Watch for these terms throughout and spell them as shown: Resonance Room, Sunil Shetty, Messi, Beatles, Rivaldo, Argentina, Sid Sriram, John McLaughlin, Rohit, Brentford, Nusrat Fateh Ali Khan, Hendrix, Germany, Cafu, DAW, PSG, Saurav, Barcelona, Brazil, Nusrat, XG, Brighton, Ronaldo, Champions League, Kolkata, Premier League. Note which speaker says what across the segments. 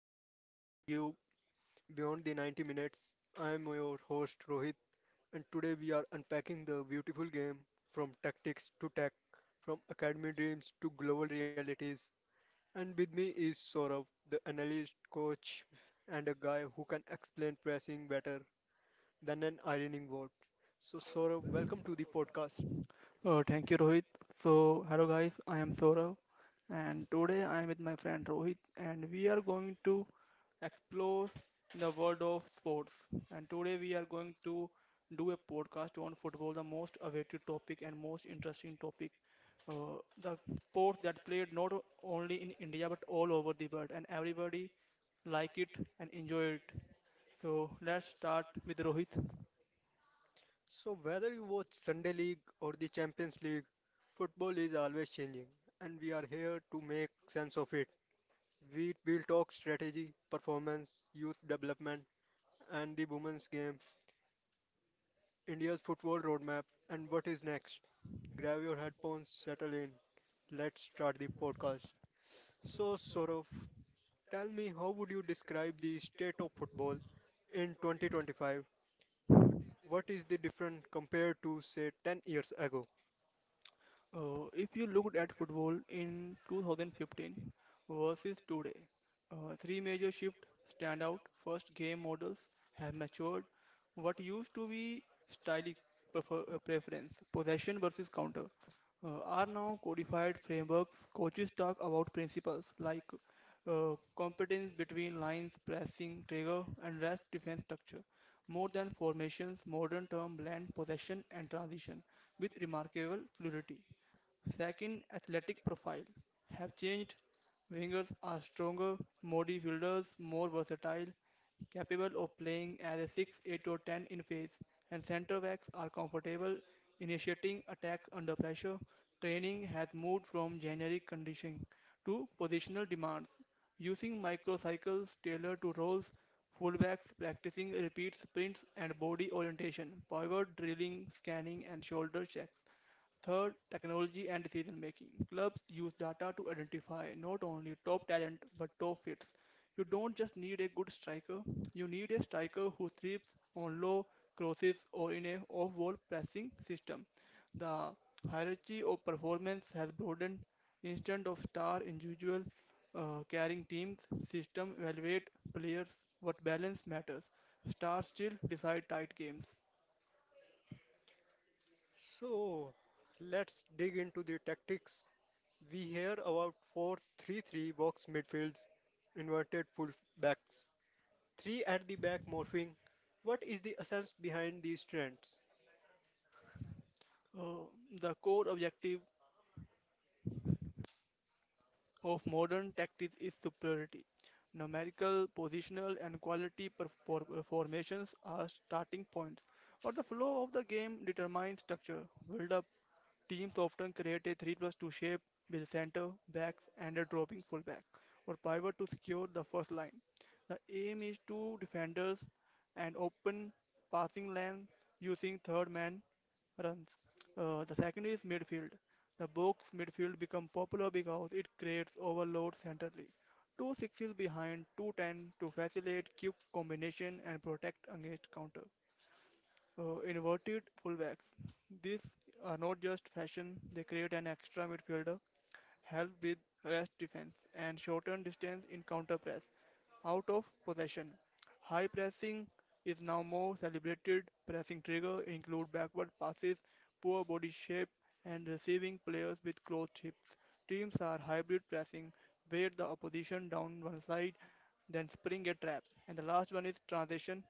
Speaker 1: podcast where we go beyond the 90 minutes. I am your host Rohit, and today we are unpacking the beautiful game from tactics to tech, from academy dreams to global realities. And with me is Saurav, the analyst, coach, and a guy who can explain pressing better than an ironing board. So, Saurav, welcome to the podcast.
Speaker 2: Thank you, Rohit. So, hello guys, I am Saurav, and today I am with my friend Rohit, and we are going to explore the world of sports. And today we are going to do a podcast on football, the most awaited topic and most interesting topic, uh, the sport that played not only in India but all over the world, and everybody liked and enjoyed it. So, let's start with Rohit.
Speaker 1: So, whether you watch Sunday League or the Champions League, football is always changing, and we are here to make sense of it. We will talk strategy, performance, youth development, and the women's game, India's football roadmap, and what is next. Grab your headphones, settle in. Let's start the podcast. So, Saurav, tell me how would you describe the state of football in 2025? What is the difference compared to, say, 10 years ago?
Speaker 2: If you looked at football in 2015 versus today, three major shifts stand out. First, game models have matured. What used to be stylistic preference, possession versus counter, are now codified frameworks. Coaches talk about principles like competence between lines, pressing, trigger, and rest defense structure. More than formations, modern term blend possession and transition with remarkable fluidity. Second, athletic profile have changed. Wingers are stronger, more defielders, more versatile, capable of playing as a 6, 8 or 10 in phase, and center backs are comfortable initiating attacks under pressure. Training has moved from generic conditioning to positional demands, using microcycles tailored to roles, fullbacks practicing repeat sprints and body orientation, pivot drilling, scanning and shoulder checks. Third, technology and decision making. Clubs use data to identify not only top talent but top fits. You don't just need a good striker, you need a striker who thrives on low crosses or in a off wall pressing system. The hierarchy of performance has broadened. Instead of star individual carrying teams, system evaluate players what balance matters. Stars still decide tight games.
Speaker 1: So let's dig into the tactics. We hear about 4-3-3 box midfields, inverted fullbacks, 3 at the back morphing. What is the essence behind these trends?
Speaker 2: Uh, the core objective of modern tactics is superiority. Numerical, positional, and quality formations are starting points, but the flow of the game determines structure, build-up. Teams often create a 3 plus 2 shape with center back and a dropping fullback or pivot to secure the first line. The aim is to defenders and open passing lanes using third man runs. The second is midfield. The box midfield become popular because it creates overload centrally. Two sixes behind, 2 10 to facilitate quick combination and protect against counter. Inverted fullbacks. These are not just fashion, they create an extra midfielder, help with rest defense, and shorten distance in counter press. Out of possession. High pressing is now more celebrated. Pressing trigger include backward passes, poor body shape, and receiving players with closed hips. Teams are hybrid pressing, where the opposition down one side, then spring a trap. And the last one is transition,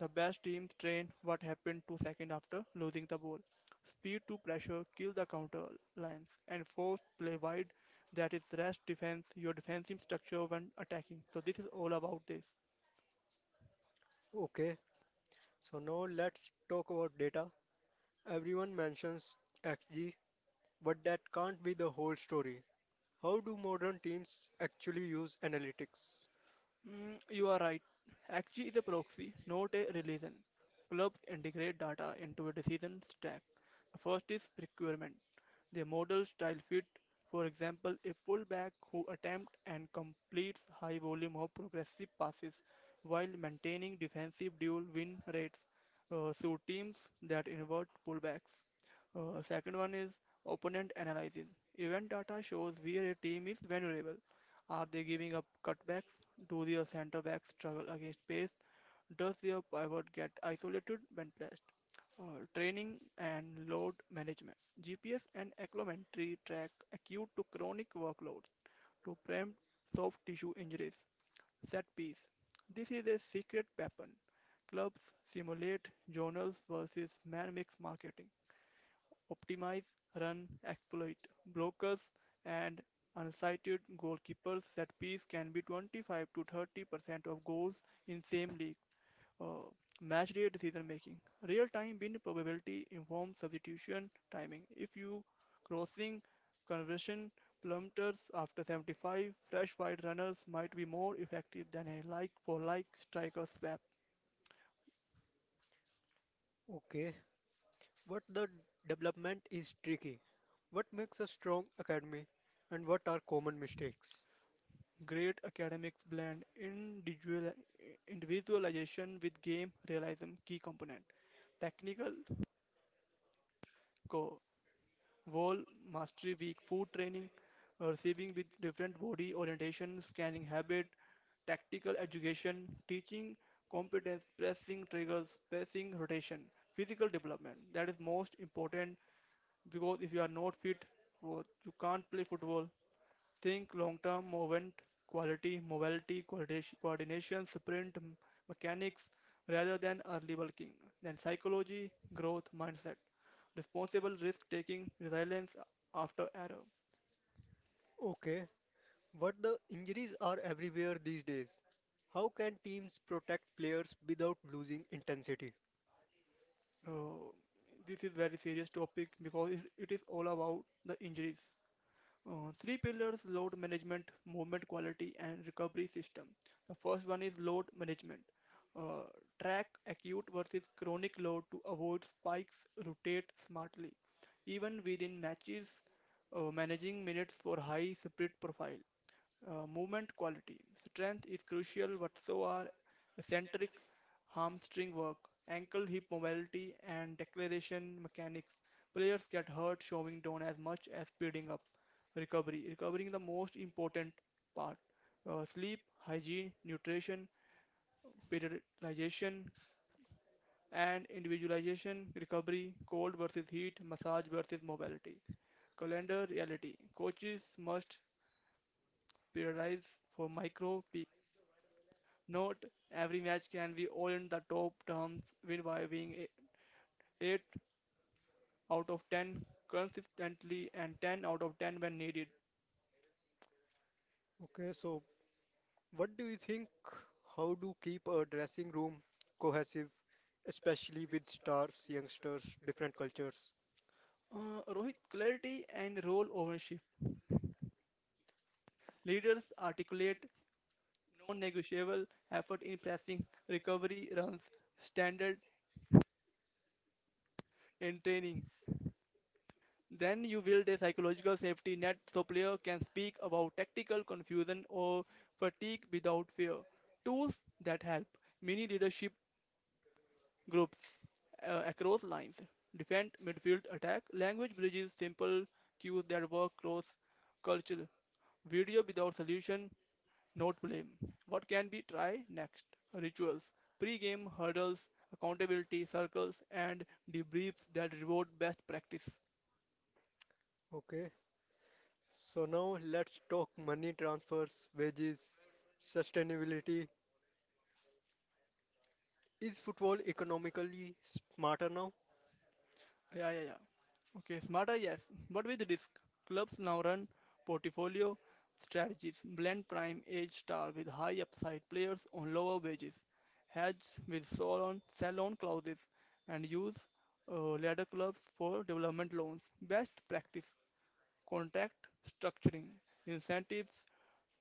Speaker 2: the best teams trained what happened 2 seconds after losing the ball. Speed to pressure kill the counter lines and force play wide. That is rest defense, your defensive structure when attacking. So this is all about this.
Speaker 1: Okay, so now let's talk about data. Everyone mentions XG, but that can't be the whole story. How do modern teams actually use analytics?
Speaker 2: Mm, you are right. Actually, is a proxy, not a relation. Clubs integrate data into a decision stack. The first is requirement. Their model style fit. For example, a fullback who attempts and completes high volume of progressive passes while maintaining defensive dual win rates. So teams that invert pullbacks. Second one is opponent analysis. Event data shows where a team is vulnerable. Are they giving up cutbacks? Do their centre backs struggle against pace? Does their pivot get isolated when pressed? Training and load management. GPS and acclimatry track acute to chronic workloads to prevent soft tissue injuries. Set piece. This is a secret weapon. Clubs simulate journals versus man mix marketing optimize, run, exploit. Blockers and unsighted goalkeepers set piece can be 25 to 30% of goals in same league. Uh, match day decision making. Real time win probability informs substitution timing. If you crossing conversion plummeters after 75, fresh wide runners might be more effective than a like for like striker swap.
Speaker 1: Okay, what the development is tricky. What makes a strong academy and what are common mistakes?
Speaker 2: Great academic blend individualization with game realism key component. Technical go wall mastery week food training, receiving with different body orientation, scanning habit, tactical education, teaching competence, pressing triggers, pressing rotation, physical development. That is most important because if you are not fit, well, you can't play football. Think long-term movement quality, mobility, coordination, mechanics rather than early bulking. Then psychology, growth mindset, responsible risk-taking, resilience after error.
Speaker 1: Okay, what the injuries are everywhere these days. How can teams protect players without losing intensity?
Speaker 2: Uh, this is very serious topic because it is all about the injuries. Three pillars load management, movement quality, and recovery system. The first one is load management. Uh, track acute versus chronic load to avoid spikes, rotate smartly. Even within matches, managing minutes for high spirit profile. Movement quality. Strength is crucial, but so are eccentric hamstring work, ankle hip mobility, and declaration mechanics. Players get hurt showing down as much as speeding up. Recovery. Recovering is the most important part. Sleep, hygiene, nutrition, periodization, and individualization. Recovery, cold versus heat, massage versus mobility. Calendar reality. Coaches must periodize for micro peaks. Note, every match can be earned the top terms win by being 8 out of 10 consistently and 10 out of 10 when needed.
Speaker 1: Okay, so what do you think? How do keep a dressing room cohesive, especially with stars, youngsters, different cultures?
Speaker 2: Rohit, clarity and role ownership. Leaders articulate non-negotiable effort in pressing, recovery runs, standard and training. Then you build a psychological safety net so player can speak about tactical confusion or fatigue without fear. Tools that help. Mini leadership groups across lines defend, midfield, attack. Language bridges simple cues that work cross culture. Video without solution, not blame. What can we try next? Rituals, pre game hurdles, accountability circles, and debriefs that reward best practice.
Speaker 1: Okay, so now let's talk money transfers, wages, sustainability, is football economically smarter now?
Speaker 2: Yeah, yeah, yeah. Okay, smarter, yes. But with risk, clubs now run portfolio strategies, blend prime age star with high upside players on lower wages, hedge with sell on clauses, and use ladder clubs for development loans. Best practice contract structuring, incentives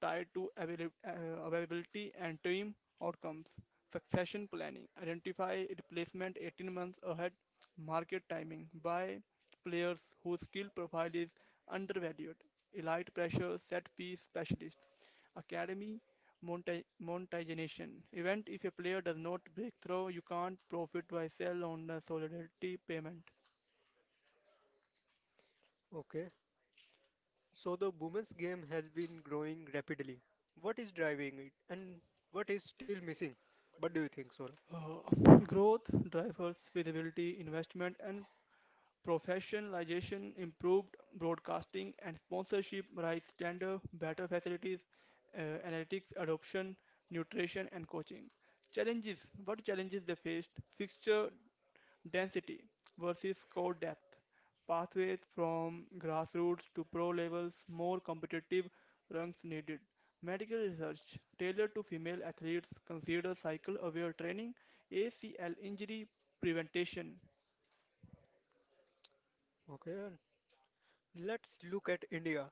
Speaker 2: tied to availability and team outcomes, succession planning, identify replacement 18 months ahead, market timing, buy players whose skill profile is undervalued, elite pressure, set piece specialist, academy monetization. Event if a player does not break through, you can't profit by sell on the solidarity payment.
Speaker 1: Okay. So the women's game has been growing rapidly. What is driving it and what is still missing? What do you think, Saurabh?
Speaker 2: Uh, growth drivers, visibility, investment, and professionalization, improved broadcasting and sponsorship, rise standard, better facilities, uh, analytics, adoption, nutrition, and coaching. Challenges. What challenges they faced? Fixture density versus core depth. Pathways from grassroots to pro levels, more competitive ranks needed. Medical research tailored to female athletes consider cycle aware training, ACL injury prevention.
Speaker 1: Okay, and let's look at India.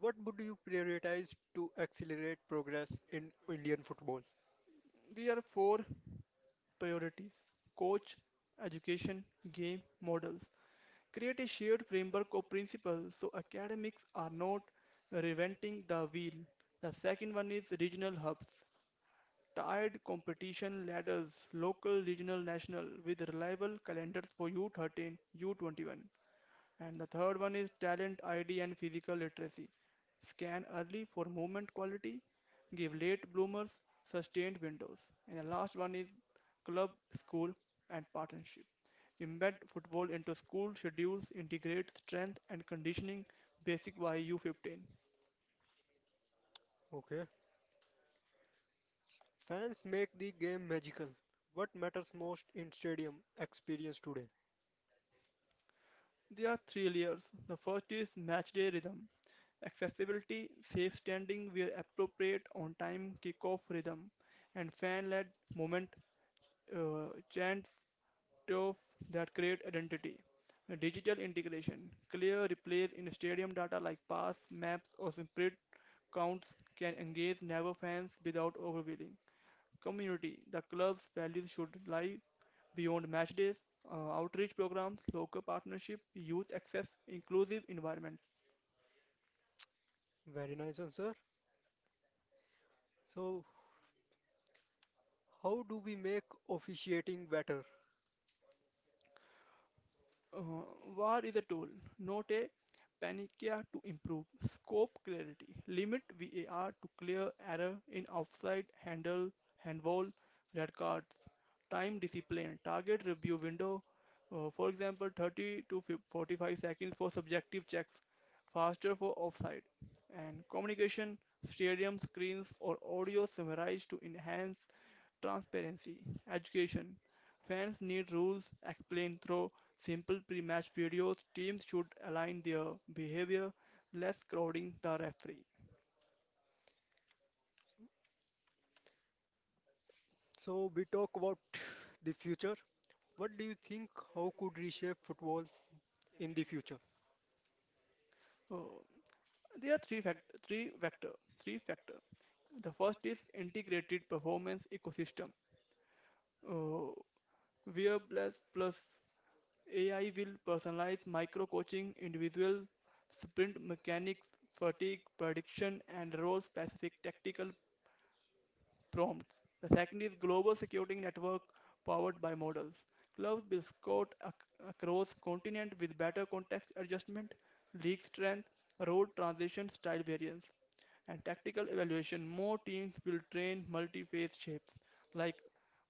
Speaker 1: What would you prioritize to accelerate progress in Indian football?
Speaker 2: These are four priorities coach, education, game models. Create a shared framework of principles so academics are not reinventing the wheel. The second one is regional hubs. Tiered competition ladders, local, regional, national, with reliable calendars for U13, U21. And the third one is talent ID and physical literacy. Scan early for movement quality, give late bloomers sustained windows. And the last one is club, school, and partnership. Embed football into school schedules, integrate strength and conditioning basic by U15.
Speaker 1: Okay. Fans make the game magical. What matters most in stadium experience today?
Speaker 2: There are three layers. The first is matchday rhythm, accessibility, safe standing where appropriate, on time kickoff rhythm, and fan led movement chants of that create identity. The digital integration, clear replays in stadium data like pass, maps, or sprint counts can engage never fans without overwhelming. Community, the club's values should lie beyond match days, outreach programs, local partnership, youth access, inclusive environment.
Speaker 1: Very nice answer. So, how do we make officiating better?
Speaker 2: Uh, war is a tool, not a panacea to improve scope clarity. Limit VAR to clear error in offside, handball, red cards. Time discipline, target review window, for example, 30 to 45 seconds for subjective checks, faster for offside. And communication, stadium screens or audio summarized to enhance transparency, education. Fans need rules explained through simple pre-match videos. Teams should align their behavior, less crowding the referee.
Speaker 1: So we talk about the future. What do you think? How could reshape football in the future?
Speaker 2: Oh, there are three vector three factor. The first is integrated performance ecosystem. Oh, where plus plus AI will personalize micro coaching, individual sprint mechanics, fatigue prediction, and role specific tactical prompts. The second is global security network powered by models. Clouds will across continent with better context adjustment, league strength, road transition style variance, and tactical evaluation. More teams will train multi-phase shapes like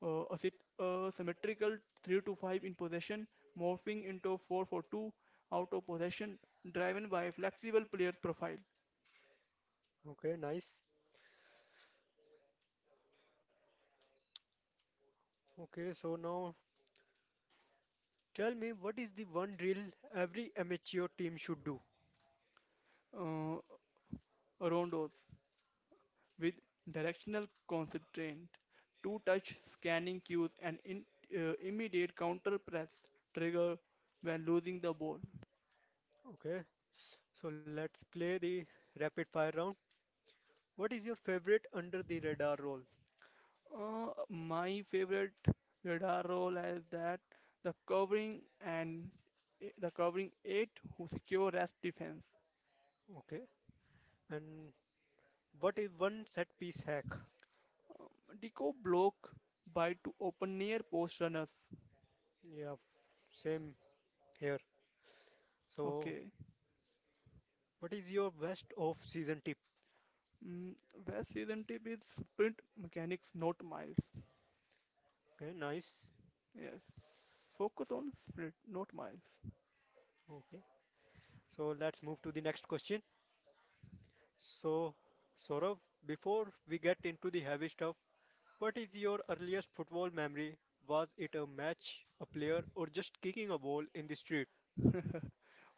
Speaker 2: uh, symmetrical 3 to 5 in possession, morphing into 4 for 2 out of possession, driven by flexible players profile.
Speaker 1: Okay, nice. Okay, so now tell me what is the one drill every amateur team should do?
Speaker 2: Uh, Rondos with directional constraint, two-touch scanning cues, and immediate counter-press trigger when losing the ball.
Speaker 1: Okay, so let's play the rapid fire round. What is your favorite under the radar role?
Speaker 2: My favorite radar role is that the covering eight who secure as defense.
Speaker 1: Okay, and what is one set piece hack?
Speaker 2: Deco block by to open near post runners.
Speaker 1: Yeah, same here. So
Speaker 2: Okay.
Speaker 1: what is your best of season tip?
Speaker 2: Mm, West season tip is sprint mechanics, not miles.
Speaker 1: Okay, nice.
Speaker 2: Yes. Focus on sprint, not miles.
Speaker 1: Okay, so let's move to the next question. So, Saurav, before we get into the heavy stuff, what is your earliest football memory? Was it a match, a player, or just kicking a ball in the street?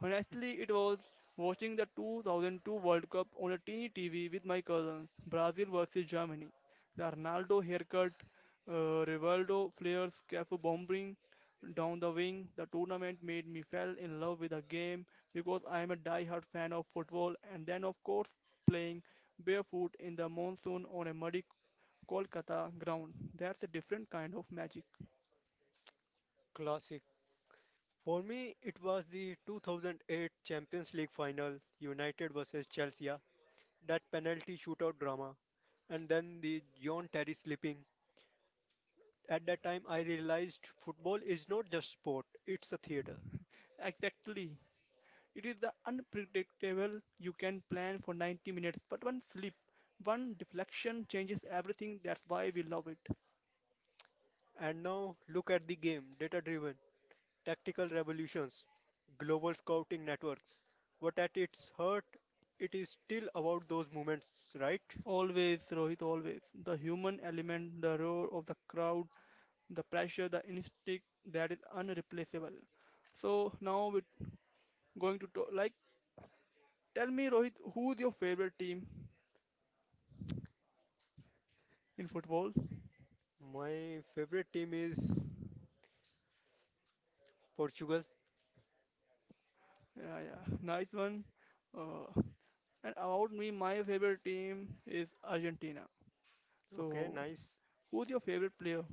Speaker 2: Honestly, it was watching the 2002 World Cup on a teeny TV with my cousins, Brazil versus Germany. The Ronaldo haircut, Rivaldo flares, Cafu bombing down the wing. The tournament made me fell in love with the game because I am a die-hard fan of football. And then, of course, playing barefoot in the monsoon on a muddy Kolkata ground. That's a different kind of magic.
Speaker 1: Classic. For me, it was the 2008 Champions League final, United versus Chelsea, that penalty shootout drama, and then the John Terry slipping. At that time, I realized football is not just sport, it's a theater.
Speaker 2: Exactly. It is the unpredictable. You can plan for 90 minutes, but one deflection changes everything. That's why we love it.
Speaker 1: And now, look at the game, data driven. Tactical revolutions, global scouting networks. But at its heart, it is still about those moments, right?
Speaker 2: Always, Rohit, always. The human element, the roar of the crowd, the pressure, the instinct that is unreplaceable. So now we're going to talk, tell me, Rohit, who's your favorite team in football?
Speaker 1: My favorite team is Portugal.
Speaker 2: Yeah, yeah, nice one. Uh, and about me, my favorite team is Argentina.
Speaker 1: Okay,
Speaker 2: So,
Speaker 1: nice.
Speaker 2: who's your favorite player?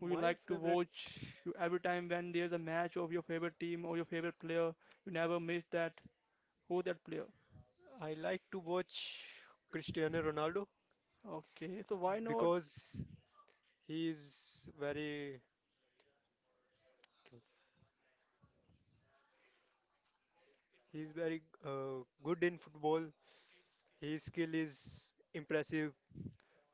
Speaker 2: Who you
Speaker 1: My
Speaker 2: like to
Speaker 1: favorite,
Speaker 2: watch. You every time when there's a match of your favorite team or your favorite player, you never miss that. Who's that player?
Speaker 1: I like to watch Cristiano Ronaldo
Speaker 2: Okay, so why not?
Speaker 1: because he is very he is very good in football. His skill is impressive.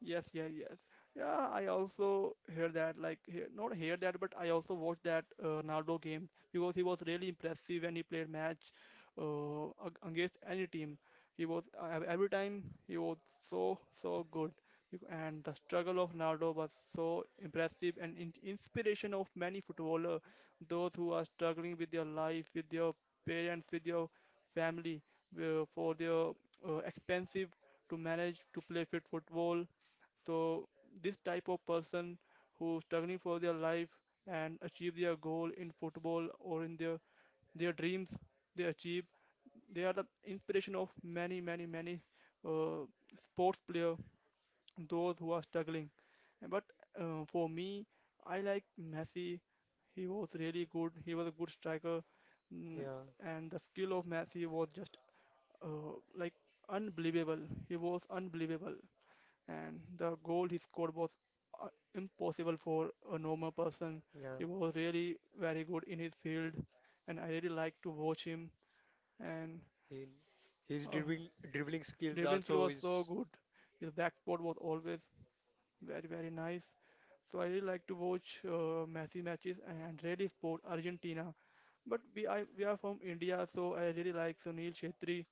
Speaker 2: Yes, yeah, yes. Yeah, I also hear that, like, hear, not hear that, but I also watched that Ronaldo game because he was really impressive when he played match against any team. He was every time he was so good. And the struggle of Ronaldo was so impressive and in inspiration of many footballer, those who are struggling with their life, with their parents, with their family, for their expensive to manage to play fit football, so this type of person who's struggling for their life and achieve their goal in football or in their dreams they achieve, they are the inspiration of many uh, sports player, those who are struggling. And but for me, I like Messi. He was really good, he was a good striker. mm,
Speaker 1: Yeah,
Speaker 2: and the skill of Messi was just like unbelievable. He was unbelievable, and the goal he scored was uh, impossible for a normal person.
Speaker 1: yeah.
Speaker 2: He was really very good in his field, and I really like to watch him. And
Speaker 1: He, his
Speaker 2: uh,
Speaker 1: dribbling skills
Speaker 2: dribbling skill
Speaker 1: also
Speaker 2: was so
Speaker 1: is
Speaker 2: good. His back spot was always very, very nice. So I really like to watch Messi matches and really support Argentina. But we are from India, so I really like Sunil Shetty,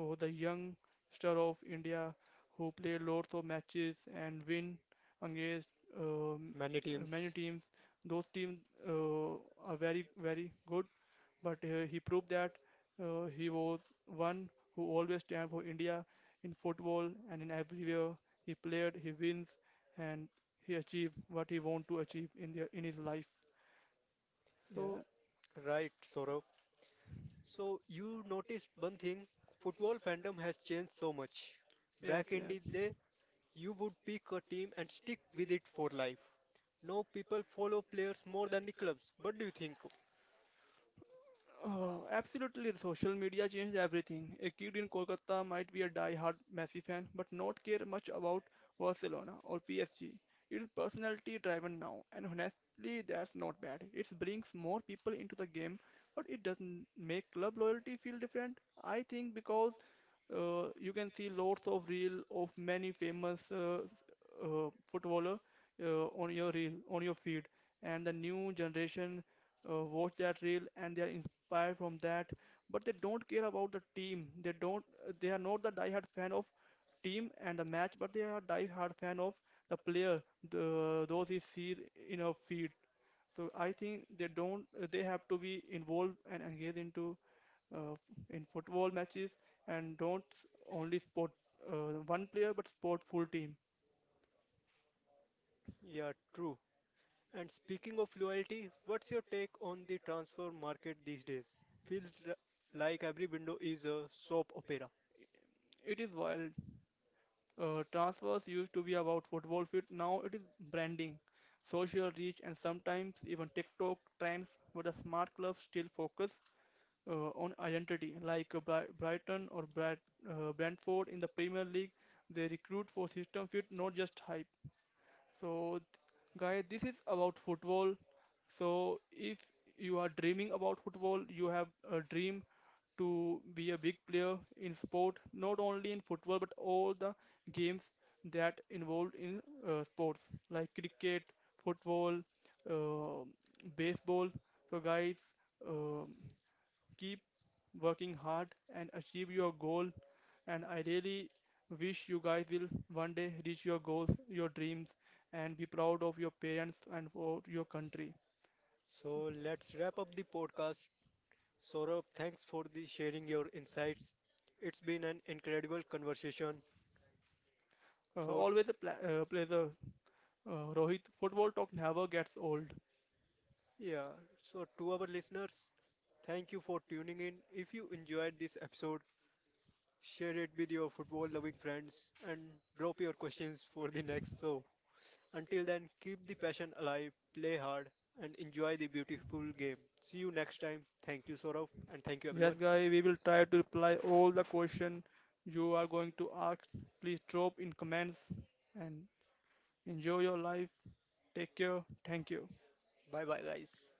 Speaker 2: who was a young star of India who played lots of matches and win against um,
Speaker 1: many
Speaker 2: many
Speaker 1: teams.
Speaker 2: teams. Those teams uh, are very, very good, but he proved that he was one who always stand for India in football and in everywhere he played, he wins, and he achieved what he want to achieve in in his life.
Speaker 1: Yeah,
Speaker 2: So
Speaker 1: right, Saurabh. So you noticed one thing, football fandom has changed so much.
Speaker 2: yes,
Speaker 1: Back in the
Speaker 2: yes.
Speaker 1: day, you would pick a team and stick with it for life. Now people follow players more than the clubs. What do you think?
Speaker 2: Oh, absolutely, social media changed everything. A kid in Kolkata might be a die-hard Messi fan, but not care much about Barcelona or PSG. It is personality-driven now, and honestly, that's not bad. It brings more people into the game, but it doesn't make club loyalty feel different. I think because you can see lots of reel of many famous footballer on your reel on your feed, and the new generation watch that reel and they are inspired from that. But they don't care about the team, they don't, they are not the die-hard fan of team and the match, but they are die-hard fan of the player, those he sees in a feed. So I think they don't they have to be involved and engaged into uh, in football matches, and don't s- only support one player but support full team.
Speaker 1: Yeah, true. And speaking of loyalty, what's your take on the transfer market these days? Feels like every window is a soap opera.
Speaker 2: It is wild. Transfers used to be about football fit. Now it is branding, social reach, and sometimes even TikTok trends. But the smart clubs still focus on identity, like Brighton or Brentford in the Premier League. They recruit for system fit, not just hype. So, guys, this is about football. So, if you are dreaming about football, you have a dream to be a big player in sport, not only in football but all the games that involved in sports, like cricket, football, uh, baseball. So, guys, um keep working hard and achieve your goal. And I really wish you guys will one day reach your goals, your dreams, and be proud of your parents and for your country.
Speaker 1: So let's wrap up the podcast, Saurabh, thanks for the sharing your insights. It's been an incredible conversation. So,
Speaker 2: Always a pleasure, Rohit. Football talk never gets old.
Speaker 1: yeah, so to our listeners, thank you for tuning in. If you enjoyed this episode, share it with your football loving friends and drop your questions for the next show. Until then, keep the passion alive, play hard, and enjoy the beautiful game. See you next time. Thank you, Saurabh, and thank you,
Speaker 2: Yes,
Speaker 1: everyone.
Speaker 2: guys, we will try to reply all the question you are going to ask. Please drop in comments and enjoy your life. Take care. Thank you.
Speaker 1: Bye bye, guys.